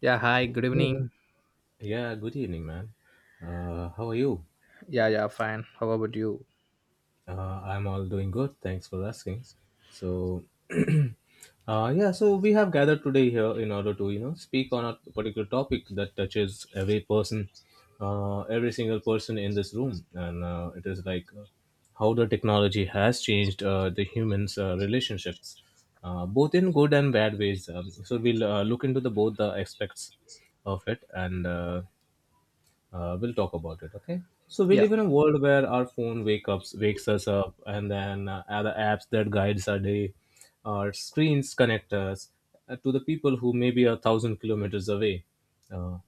Yeah, hi, good Hey. evening. Yeah, good evening, man. How are you? Yeah, yeah, fine. How about you? I'm all doing good. Thanks for asking. So, yeah, so we have gathered today here in order to, you know, speak on a particular topic that touches every person, every single person in this room. And it is like how the technology has changed the humans' relationships, both in good and bad ways. So, we'll look into the both the aspects of it and we'll talk about it, okay? So we Yeah, live in a world where our wakes us up, and then other apps that guides our day, our screens connect us to the people who may be a thousand kilometers away. Uh,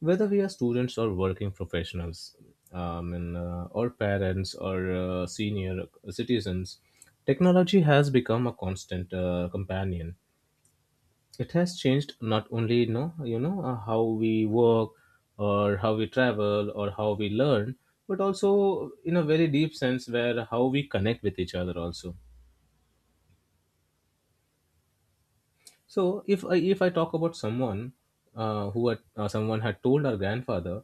Whether we are students or working professionals, and, or parents or senior citizens, technology has become a constant companion. It has changed not only how we work or how we travel or how we learn, but also in a very deep sense where how we connect with each other also. So if I talk about someone, who had someone had told our grandfather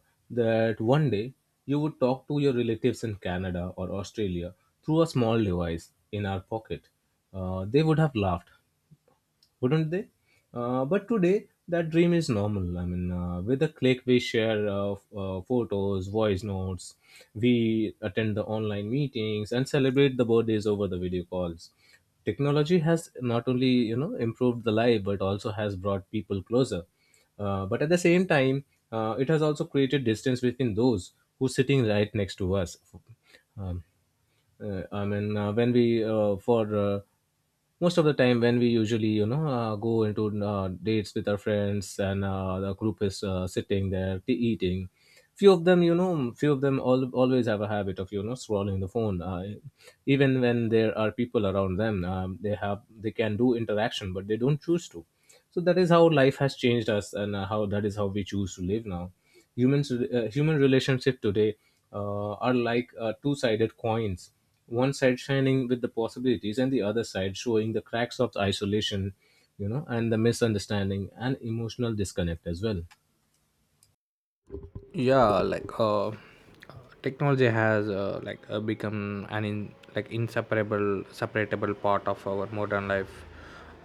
that one day you would talk to your relatives in Canada or Australia through a small device in our pocket, they would have laughed, wouldn't they? But today, that dream is normal. I mean, with a click, we share photos, voice notes, we attend the online meetings, and celebrate the birthdays over the video calls. Technology has not only you know improved the life, but also has brought people closer. But at the same time, it has also created distance between those who sitting right next to us. Um, I mean, when we for most of the time when we usually you know go into dates with our friends and the group is sitting there eating, few of them all, always have a habit of you know scrolling the phone. Even when there are people around them, they can do interaction, but they don't choose to. So that is how life has changed us, and how that is how we choose to live now. Human relationship today are like two-sided coins, one side shining with the possibilities and the other side showing the cracks of isolation, you know, and the misunderstanding and emotional disconnect as well. yeah, like technology has like become an like inseparable separatable part of our modern life,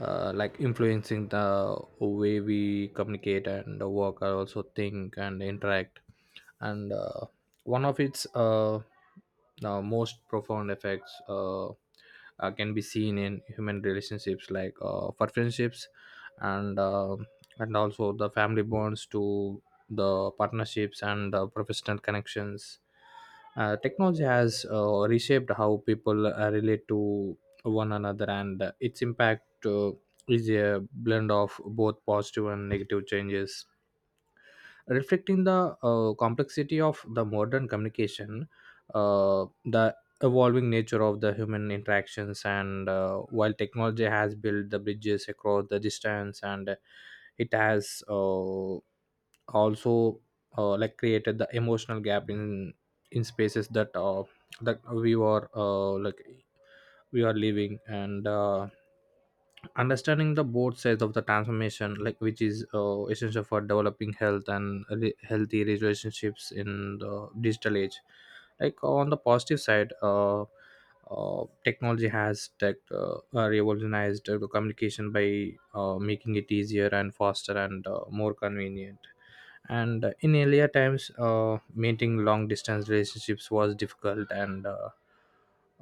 like influencing the way we communicate and work and also think and interact. And one of its the most profound effects can be seen in human relationships, like for friendships, and uh, and also the family bonds to the partnerships and the professional connections. Technology has reshaped how people relate to one another, and its impact is a blend of both positive and negative changes, reflecting the complexity of the modern communication, the evolving nature of the human interactions, and while technology has built the bridges across the distance and it has also like created the emotional gap in spaces that that we were like we are living, and understanding the both sides of the transformation, like, which is essential for developing health and healthy relationships in the digital age. Like on the positive side, technology has revolutionized the communication by making it easier and faster and more convenient. And in earlier times, maintaining long distance relationships was difficult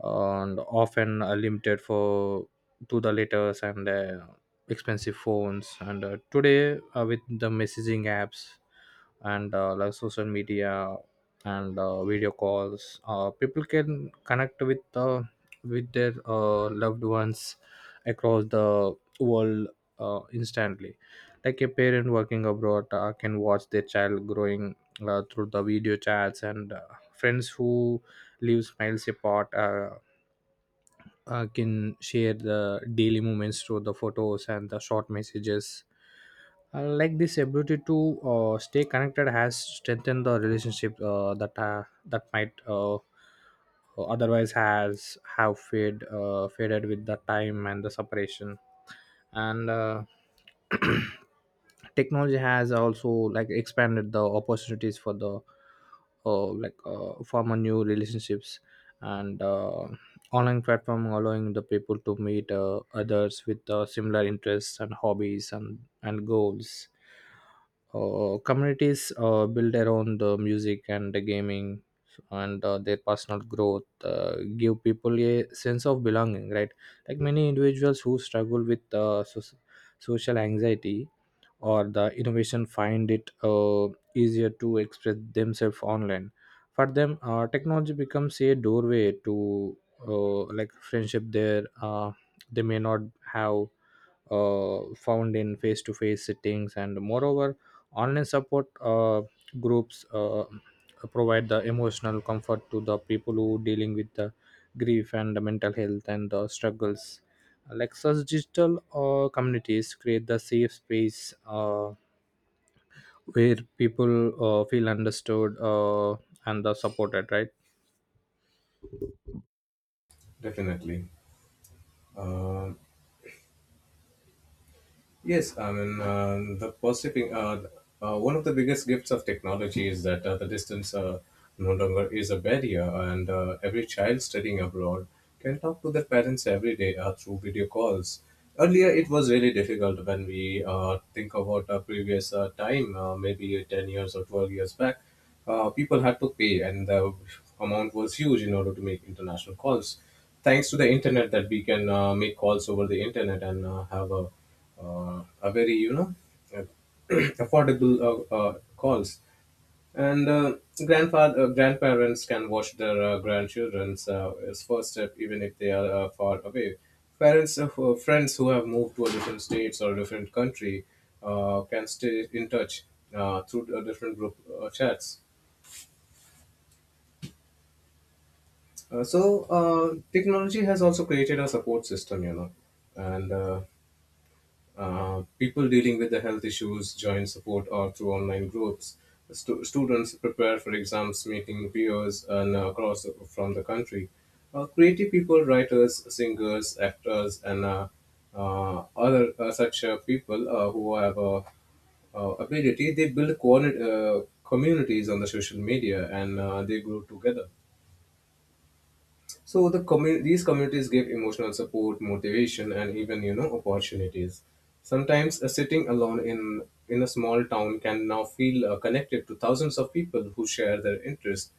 and often limited for to the letters and expensive phones, and today, with the messaging apps and like social media and video calls, people can connect with with their loved ones across the world instantly. Like a parent working abroad can watch their child growing through the video chats, and friends who live miles apart can share the daily moments through the photos and the short messages. Like this ability to stay connected has strengthened the relationship that might otherwise has have fade faded with the time and the separation. And technology has also like expanded the opportunities for the like former new relationships. And online platform allowing the people to meet others with similar interests and hobbies and goals. Communities built around the music and the gaming and their personal growth give people a sense of belonging, right? Like many individuals who struggle with social anxiety or the innovation find it easier to express themselves online. For them, technology becomes a doorway to like friendship there they may not have found in face-to-face sittings. And moreover, online support groups provide the emotional comfort to the people who dealing with the grief and the mental health and the struggles, like such digital communities create the safe space where people feel understood and the supported, right? Definitely. Um Yes, I mean, one of the biggest gifts of technology is that the distance no longer is a barrier, and every child studying abroad can talk to their parents every day through video calls. Earlier, it was really difficult when we think about a previous time, maybe 10 years or 12 years back. People had to pay, and the amount was huge in order to make international calls. Thanks to the internet that we can make calls over the internet and have a very uh, affordable calls. And uh, grandfather uh, grandparents can watch their grandchildren's as first step even if they are far away. Parents of friends who have moved to a different states or a different country can stay in touch through different group chats. So technology has also created a support system, you know, and people dealing with the health issues join support or through online groups. Students prepare for exams, meeting peers and across from the country. Creative people, writers, singers, actors, and other such people who have ability, they build communities on the social media and they grow together. So these communities give emotional support, motivation, and even you know opportunities. Sometimes sitting alone in a small town can now feel connected to thousands of people who share their interest.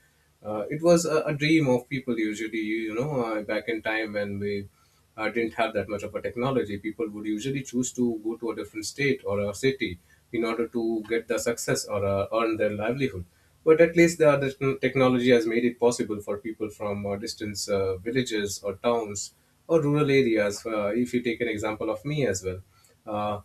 It was a dream of people usually you know back in time when we didn't have that much of a technology. People would usually choose to go to a different state or a city in order to get the success or earn their livelihood. But at least the other technology has made it possible for people from distant villages or towns or rural areas. If you take an example of me as well, uh,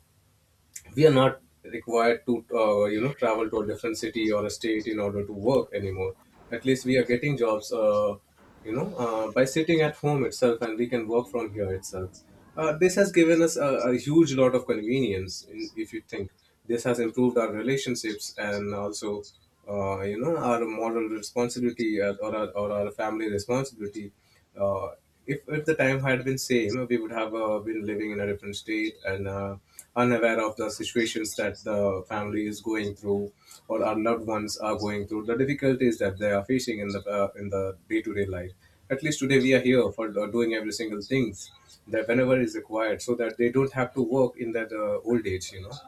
we are not required to you know travel to a different city or a state in order to work anymore. At least we are getting jobs, you know, by sitting at home itself, and we can work from here itself. This has given us a huge lot of convenience. In, if you think, this has improved our relationships and also you know our moral responsibility, or our family responsibility. uh, if the time had been same, we would have been living in a different state and unaware of the situations that the family is going through or our loved ones are going through, the difficulties that they are facing in the day-to-day life. At least today we are here for doing every single things that whenever is required, so that they don't have to work in that old age, you know.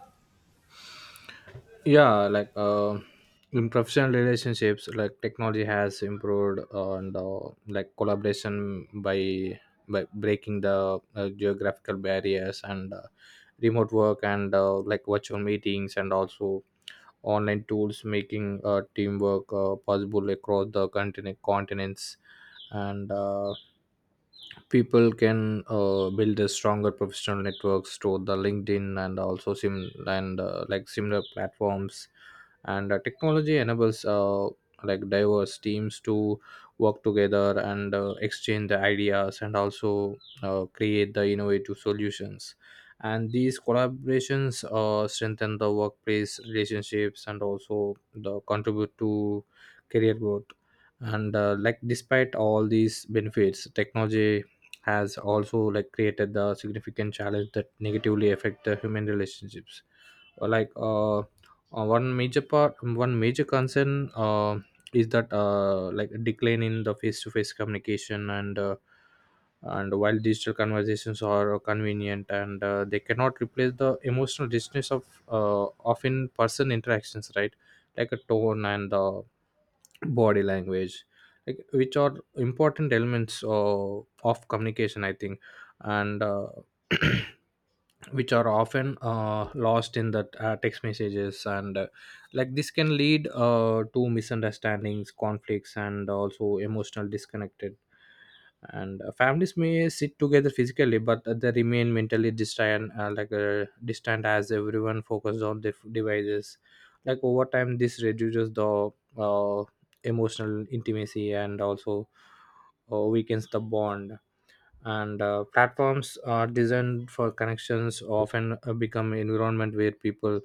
Yeah, like in professional relationships, like technology has improved on the like collaboration by breaking the geographical barriers, and remote work and like virtual meetings and also online tools making teamwork possible across the continents. And people can build a stronger professional networks to the LinkedIn and also sim and like similar platforms, and technology enables like diverse teams to work together and exchange the ideas and also create the innovative solutions. And these collaborations strengthen the workplace relationships and also the contribute to career growth. And like despite all these benefits, technology has also like created the significant challenge that negatively affect the human relationships. Uh, like uh, uh, one major part one major concern uh, is that like a decline in the face-to-face communication. And and while digital conversations are convenient, and they cannot replace the emotional richness of uh, of in person interactions, right? Like a tone and the body language, like, which are important elements of communication, I think, and which are often lost in the text messages, and like this can lead to misunderstandings, conflicts, and also emotional disconnected. And families may sit together physically, but they remain mentally distant, distant as everyone focused on their devices. Like over time this reduces the uh, emotional intimacy and also weakens the bond. And platforms are designed for connections often become environment where people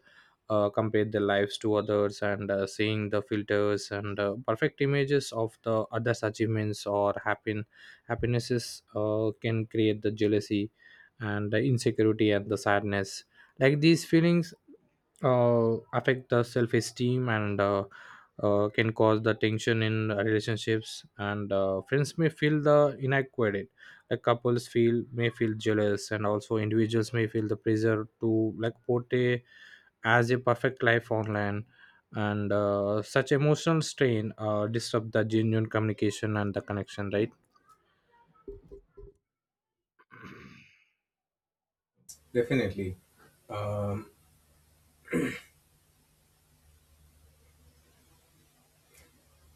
compare their lives to others, and seeing the filters and perfect images of the others achievements or happen happinesses can create the jealousy and the insecurity and the sadness. Like these feelings affect the self-esteem, and can cause the tension in relationships. And friends may feel the inadequate, like couples feel may feel jealous, and also individuals may feel the pressure to like portray as a perfect life online. And such emotional strain disrupt the genuine communication and the connection, right? Definitely. um,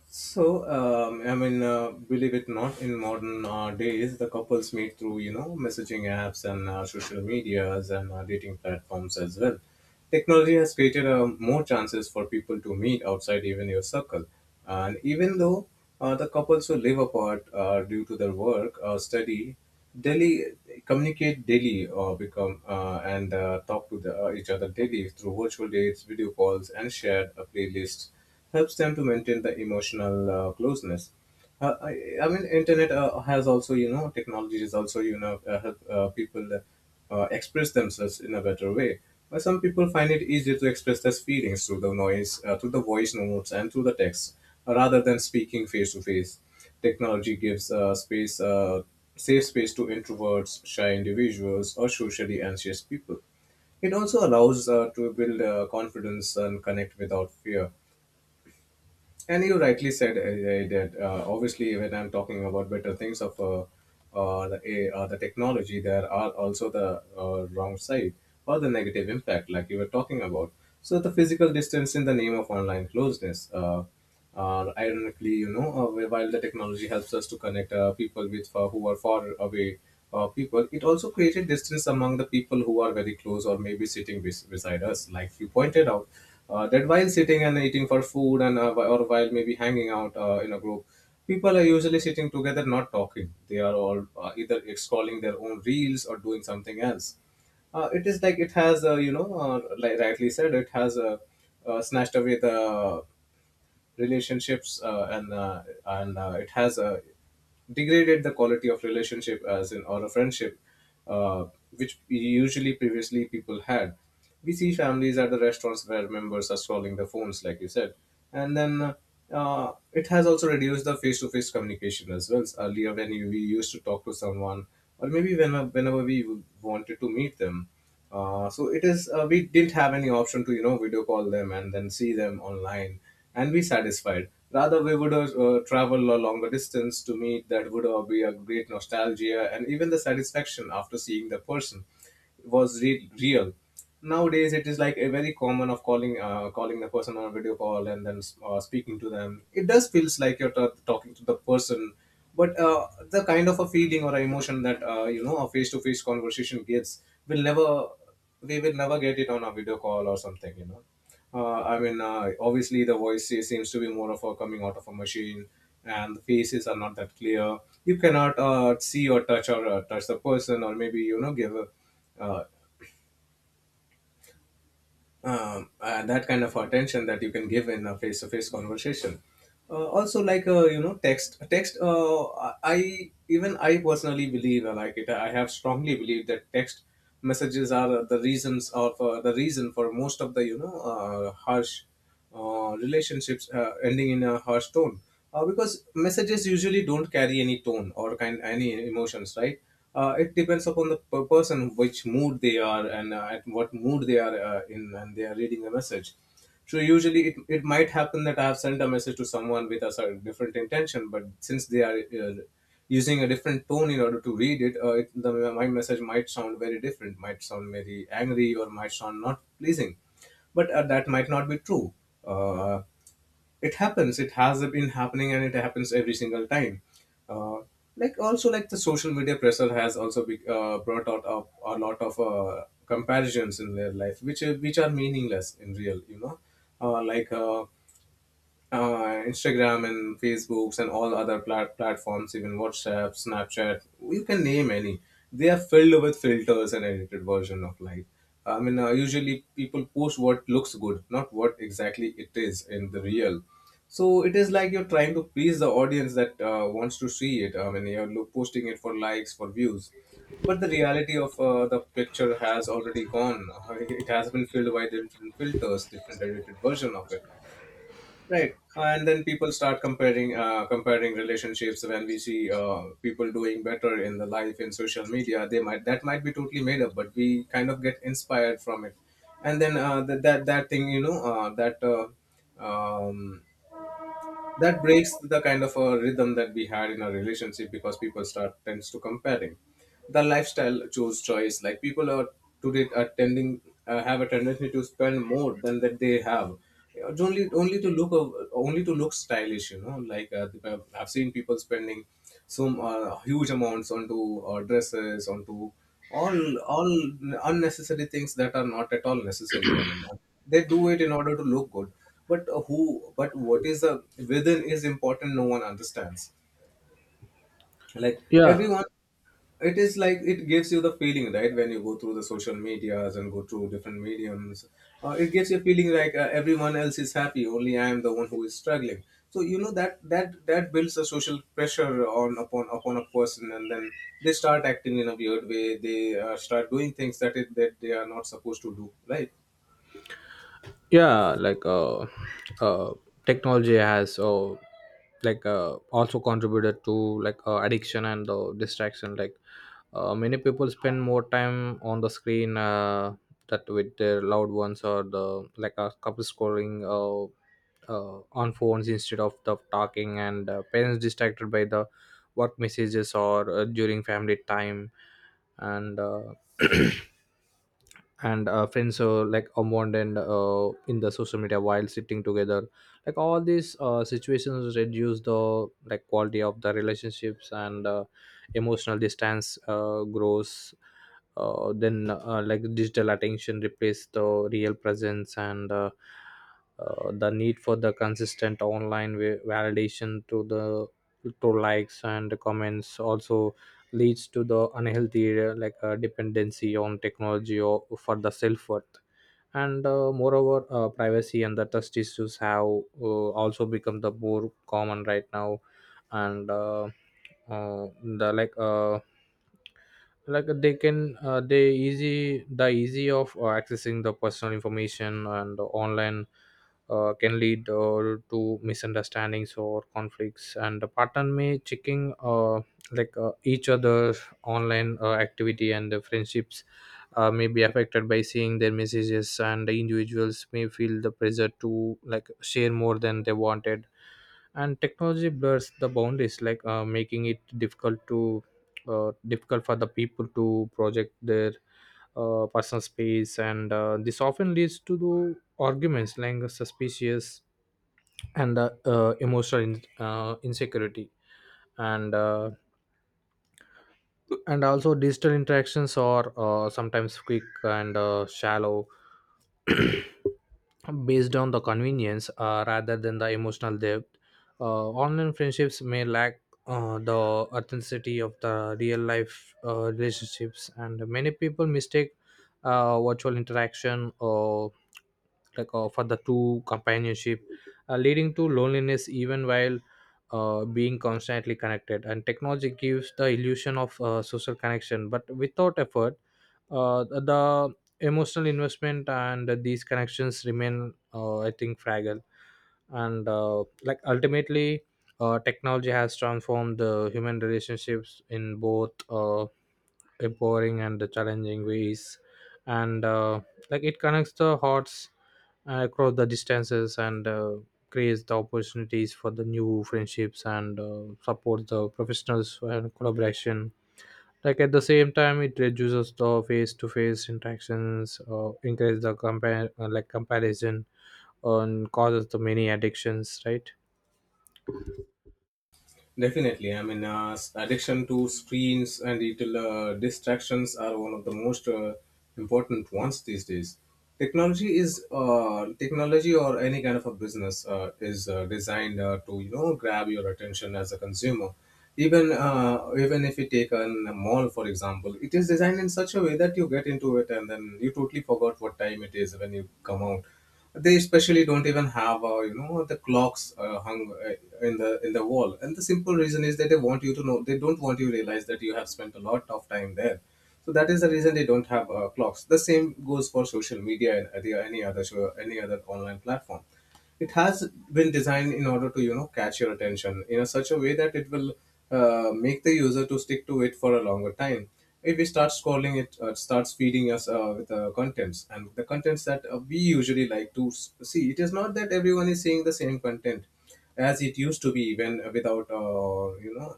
So, I mean, believe it not, in modern days, the couples meet through, you know, messaging apps and social medias and dating platforms as well. Technology has created more chances for people to meet outside even your circle. And even though the couples who live apart due to their work or study, daily communicate daily or become and talk to each other daily through virtual dates, video calls, and shared playlists helps them to maintain the emotional closeness. I mean, internet has also, you know, technology is also, you know, help people express themselves in a better way. But some people find it easier to express their feelings through the noise, through the voice notes, and through the text, rather than speaking face to face. Technology gives safe space to introverts, shy individuals, or socially anxious people. It also allows to build confidence and connect without fear. And you rightly said that obviously when I'm talking about better things of the technology, there are also the wrong side or the negative impact, like you were talking about. So the physical distance in the name of online closeness. Ironically, you know, while the technology helps us to connect people with who are far away people, it also created distance among the people who are very close or maybe beside us, like you pointed out. That while sitting and eating for food and or while maybe hanging out in a group, people are usually sitting together not talking. They are all either scrolling their own reels or doing something else. It is like it has you know, like rightly said, it has snatched away the relationships, and it has degraded the quality of relationship, as in or a friendship, uh, which usually previously people had. We see families at the restaurants where members are scrolling the phones, like you said. And then it has also reduced the face-to-face communication as well. Earlier when we used to talk to someone, or maybe whenever we wanted to meet them, so it is we didn't have any option to you know video call them and then see them online and be satisfied. Rather, we would have travel a longer distance to meet, that would be a great nostalgia, and even the satisfaction after seeing the person was real. Nowadays it is like a very common of calling the person on a video call and then speaking to them. It does feels like you're talking to the person, but the kind of a feeling or emotion that you know a face-to-face conversation gives, will never we will never get it on a video call or something, you know. Obviously the seems to be more of a coming out of a machine, and the faces are not that clear. You cannot see or touch, or touch the person Or maybe give a uh, that kind of attention that you can give in a face-to-face conversation. Also, like text. Text. I personally believe, like it. I have strongly believed that text messages are the reasons of the reason for most of the harsh relationships ending in a harsh tone, because messages usually don't carry any tone or kind any emotions, right? It depends upon the person, which mood they are, and at what mood they are in and they are reading the message. So usually it might happen that I have sent a message to someone with a certain different intention, but since they are uh, using a different tone in order to read it, my message might sound very different, might sound very angry, or might sound not pleasing. But that might not be true. uh, it happens, it has been happening, and it happens every single time. Uh, like also like the social media pressure has also brought out a lot of comparisons in their life, which are meaningless in real, you know. uh, like uh, Instagram and Facebooks and all other platforms, even WhatsApp, Snapchat, you can name any. They are filled with filters and edited version of life. I mean, usually people post what looks good, not what exactly it is in the real. So it is like you're trying to please the audience that wants to see it. I mean, you're posting it for likes, for views. But the reality of the picture has already gone. It has been filled by different filters, different edited version of it. Right, and then people start comparing, comparing relationships. When we see people doing better in the life in social media, they might that might be totally made up, but we kind of get inspired from it. And then that that that thing, you know, um, that breaks the kind of a rhythm that we had in our relationship, because people start tends to comparing the lifestyle, choose choice. Like people are today are tending, have a tendency to spend more than that they have. Only to only to look stylish, you know, I've seen people spending some huge amounts onto dresses, onto all all unnecessary things that are not at all necessary. I mean, they do it in order to look good. But who but what is the within is important, no one understands. Like Yeah, everyone, it is like it gives you the feeling, right? When you go through the social medias and go through different mediums, it gives you a feeling like everyone else is happy, only I am the one who is struggling. So you know, that builds a social pressure on upon a person, and then they start acting in a weird way. They start doing things that it that they are not supposed to do, right? yeah, like uh technology has like also contributed to like addiction and distraction, like many people spend more time on the screen that with their loved ones, or the like a couple scrolling on phones instead of the talking, and parents distracted by the work messages or during family time, and and friends like Amond and in the social media while sitting together. Like all these situations reduce the like quality of the relationships, and emotional distance grows. Then Like digital attention replace the real presence, and the need for the consistent online validation to the to likes and comments also leads to the unhealthy dependency on technology or for the self worth. And moreover, privacy and the trust issues have also become the more common right now, and the like they can they easy of accessing the personal information and online can lead to misunderstandings or conflicts, and the partner may checking each other's online activity, and the friendships may be affected by seeing their messages, and the individuals may feel the pressure to like share more than they wanted. And technology blurs the boundaries, like making it difficult for the people to project their personal space, and this often leads to the arguments, like suspicious and emotional insecurity, and and also digital interactions are sometimes quick and shallow based on the convenience rather than the emotional depth. Online friendships may lack the authenticity of the real life relationships, and many people mistake virtual interaction or like for the true companionship, leading to loneliness even while being constantly connected. And technology gives the illusion of social connection, but without effort, the emotional investment and these connections remain, I think, fragile. And like ultimately, technology has transformed the human relationships in both empowering and the challenging ways, and like it connects the hearts across the distances, and creates the opportunities for the new friendships, and supports the professionals and collaboration, like at the same time it reduces the face-to-face interactions, increase the compare like comparison, and causes the many addictions, right? Definitely. I mean, addiction to screens and digital distractions are one of the most important ones these days. Technology is technology or any kind of a business is designed to grab your attention as a consumer. Even if you take a mall for example, it is designed in such a way that you get into it and then you totally forgot what time it is when you come out. They especially don't even have, you know, the clocks hung in the wall. And the simple reason is that they want you to know, they don't want you to realize that you have spent a lot of time there. So that is the reason they don't have clocks. The same goes for social media and any other show, any other online platform. It has been designed in order to, you know, catch your attention in a such a way that it will make the user to stick to it for a longer time. If we start scrolling, it starts feeding us with the contents, and the contents that we usually like to see. It is not that everyone is seeing the same content as it used to be when, without, you know,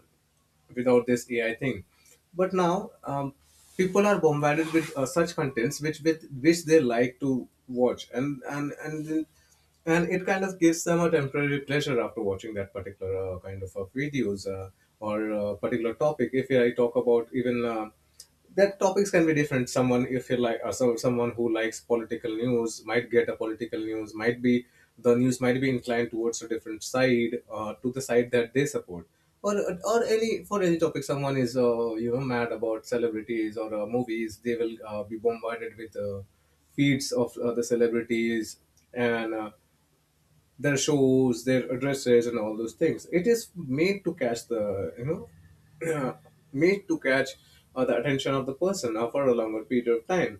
without this AI thing. But now people are bombarded with such contents which with which they like to watch, and it kind of gives them a temporary pleasure after watching that particular kind of videos, or particular topic. If I talk about even. That topics can be different. Someone, if you like so someone who likes political news might get a political news, might be the news might be inclined towards a different side, to the side that they support. Or or any for any topic, someone is mad about celebrities or movies, they will be bombarded with feeds of the celebrities and their shows, their addresses, and all those things. It is made to catch the know made to catch the attention of the person for a longer period of time.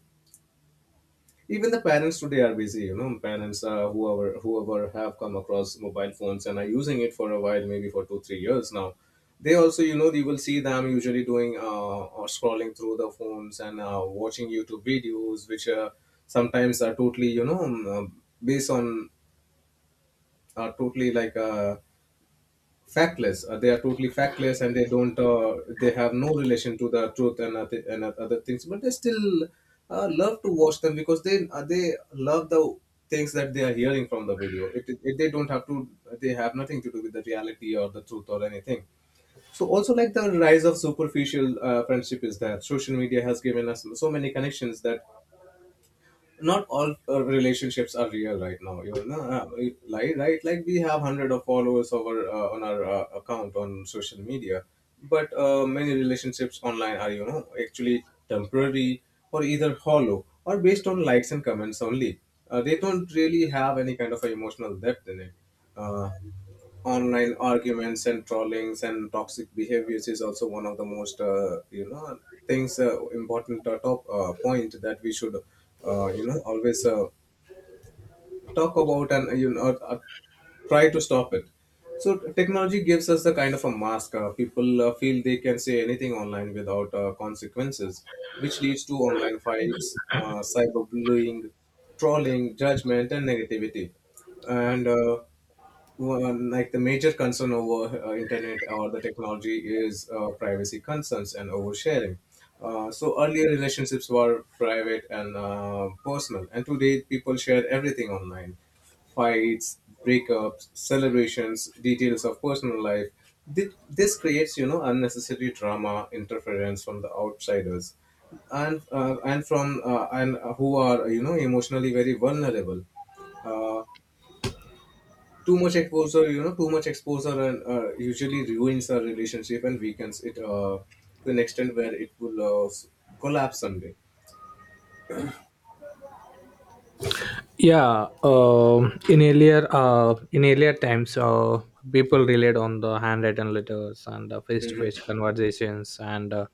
Even the parents today are busy. You know, parents, whoever have come across mobile phones and are using it for a while, maybe for 2 3 years now. They also, you know, you will see them usually doing or scrolling through the phones and watching YouTube videos, which sometimes are totally, based on, are totally factless. They are totally factless, and they don't. They have no relation to the truth and other things. But they still love to watch them because they love the things that they are hearing from the video. It They don't have to. They have nothing to do with the reality or the truth or anything. So also like the rise of superficial friendship is that social media has given us so many connections that not all relationships are real right now, you know. Like like we have hundred of followers over on our account on social media, but many relationships online are, you know, actually temporary or either hollow or based on likes and comments only. They don't really have any kind of a emotional depth in it. uh, Online arguments and trollings and toxic behaviors is also one of the most, you know, things, important top point that we should always talk about and, you know, try to stop it. So technology gives us the kind of a mask. People feel they can say anything online without consequences, which leads to online fights, cyberbullying, trolling, judgment, and negativity. And uh, one, like the major concern over internet or the technology is privacy concerns and oversharing. So earlier relationships were private and personal, and today people share everything online: fights, breakups, celebrations, details of personal life. This creates, you know, unnecessary drama, interference from the outsiders, and from and who are, you know, emotionally very vulnerable. Uh, Too much exposure, you know, too much exposure and usually ruins a relationship and weakens it to an extent where it will collapse someday. Yeah, in earlier, times, people relied on the handwritten letters and Mhm. face-to-face conversations and uh,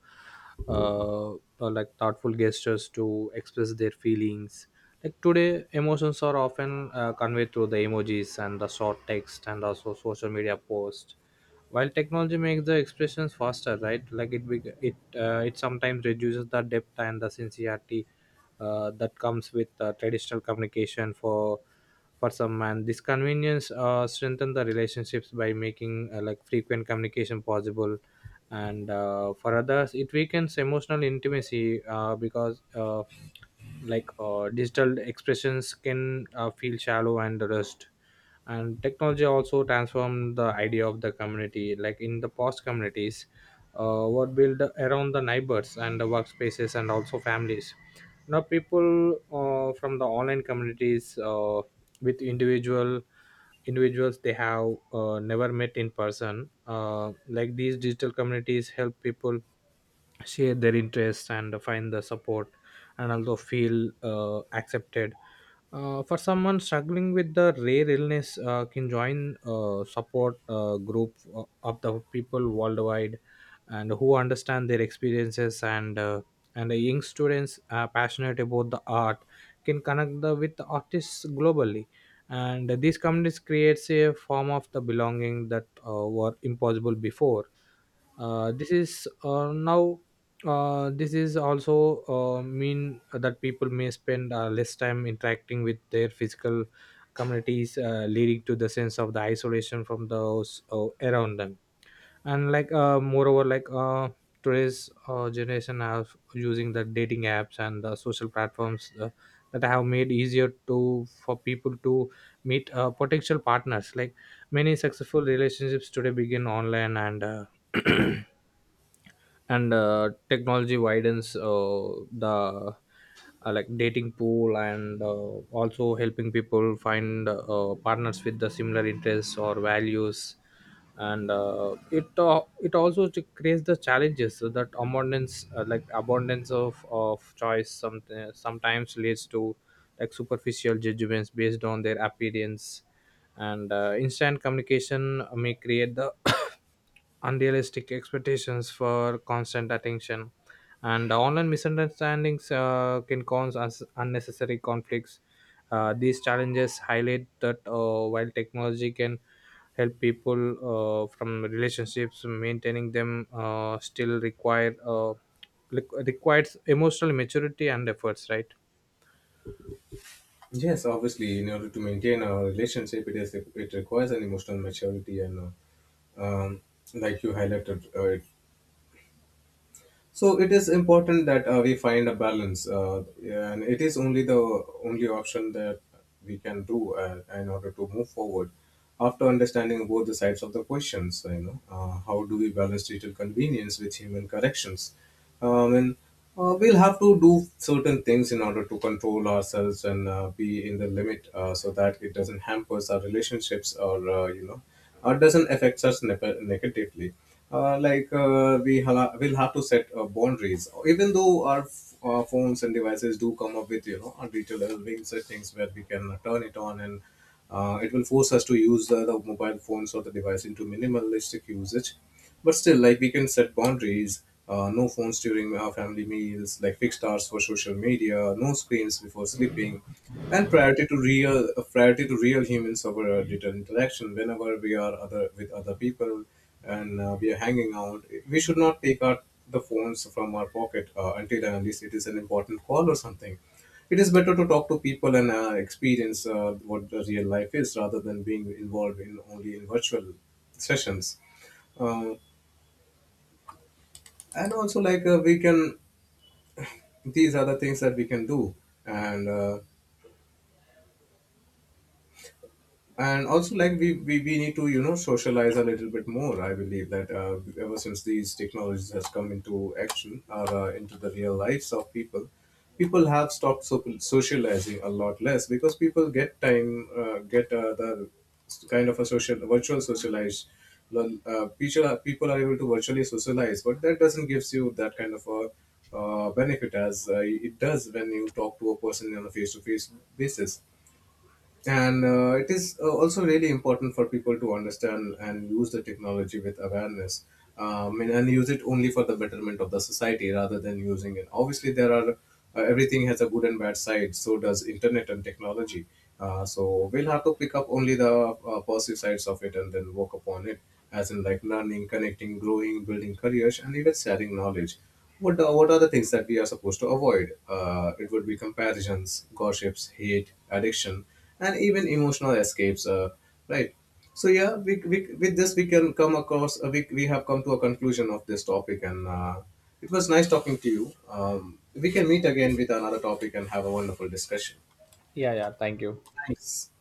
uh, uh, like thoughtful gestures to express their feelings. Like today emotions are often conveyed through the emojis and the short text and also social media posts, while technology makes the expressions faster, right, like it bec- it it sometimes reduces the depth and the sincerity that comes with traditional communication. For some man this convenience strengthen the relationships by making like frequent communication possible, and for others it weakens emotional intimacy because digital expressions can feel shallow and rushed. And technology also transformed the idea of the community. Like in the past communities were built around the neighbors and the workspaces and also families. Now people from the online communities with individuals they have never met in person. Like these digital communities help people share their interests and find the support and also feel accepted. For someone struggling with the rare illness can join support group of the people worldwide and who understand their experiences, and the young students passionate about the art can connect with the artists globally. And these communities creates a form of the belonging that were impossible before. Uh, this is uh, now uh, this is also mean that people may spend less time interacting with their physical communities, leading to the sense of the isolation from those around them. And like, moreover, like today's generation have using the dating apps and the social platforms that have made easier to for people to meet potential partners. Like many successful relationships today begin online and. And technology widens the like dating pool, and also helping people find partners with the similar interests or values, and it it also to creates the challenges. So that abundance of choice sometimes leads to like superficial judgments based on their appearance, and instant communication may create the unrealistic expectations for constant attention, and online misunderstandings can cause us unnecessary conflicts. These challenges highlight that while technology can help people from relationships, maintaining them still require requires emotional maturity and efforts, right? Yes, obviously in order to maintain a relationship, it is, it requires an emotional maturity and, um, like you highlighted it. So it is important that we find a balance, and it is only the only option that we can do in order to move forward. After understanding both the sides of the questions, you know, how do we balance digital convenience with human corrections? And We'll have to do certain things in order to control ourselves and be in the limit, so that it doesn't hamper our relationships or, you know, doesn't affect us negatively. Will have to set boundaries, even though our phones and devices do come up with, you know, digital well-being settings where we can turn it on and it will force us to use the mobile phones or the device into minimalistic usage. But still, like we can set boundaries. No phones during our family meals, like fixed hours for social media, no screens before sleeping, and priority to real, priority to real humans over digital interaction. Whenever we are other with other people and we are hanging out, we should not take out the phones from our pocket until and unless it is an important call or something. It is better to talk to people and experience what the real life is, rather than being involved in only in virtual sessions. Uh, and also like we can These are the things that we can do. And uh, and also like we need to, you know, socialize a little bit more. I believe that ever since these technologies has come into action or into the real lives of people, people have stopped socializing a lot less, because people get time, kind of a social virtual socialize. Well, people are able to virtually socialize, but that doesn't gives you that kind of a benefit as it does when you talk to a person on a face-to-face basis. And it is also really important for people to understand and use the technology with awareness, and use it only for the betterment of the society rather than using it. Obviously, there are, everything has a good and bad side, so does internet and technology. So we'll have to pick up only the positive sides of it and then work upon it, as in like learning, connecting, growing, building careers, and even sharing knowledge. What are the things that we are supposed to avoid? It would be comparisons, gossips, hate, addiction, and even emotional escapes. Right. So yeah, with this we can come across. We have come to a conclusion of this topic, and it was nice talking to you. We can meet again with another topic and have a wonderful discussion. Yeah, yeah. Thank you. Thanks.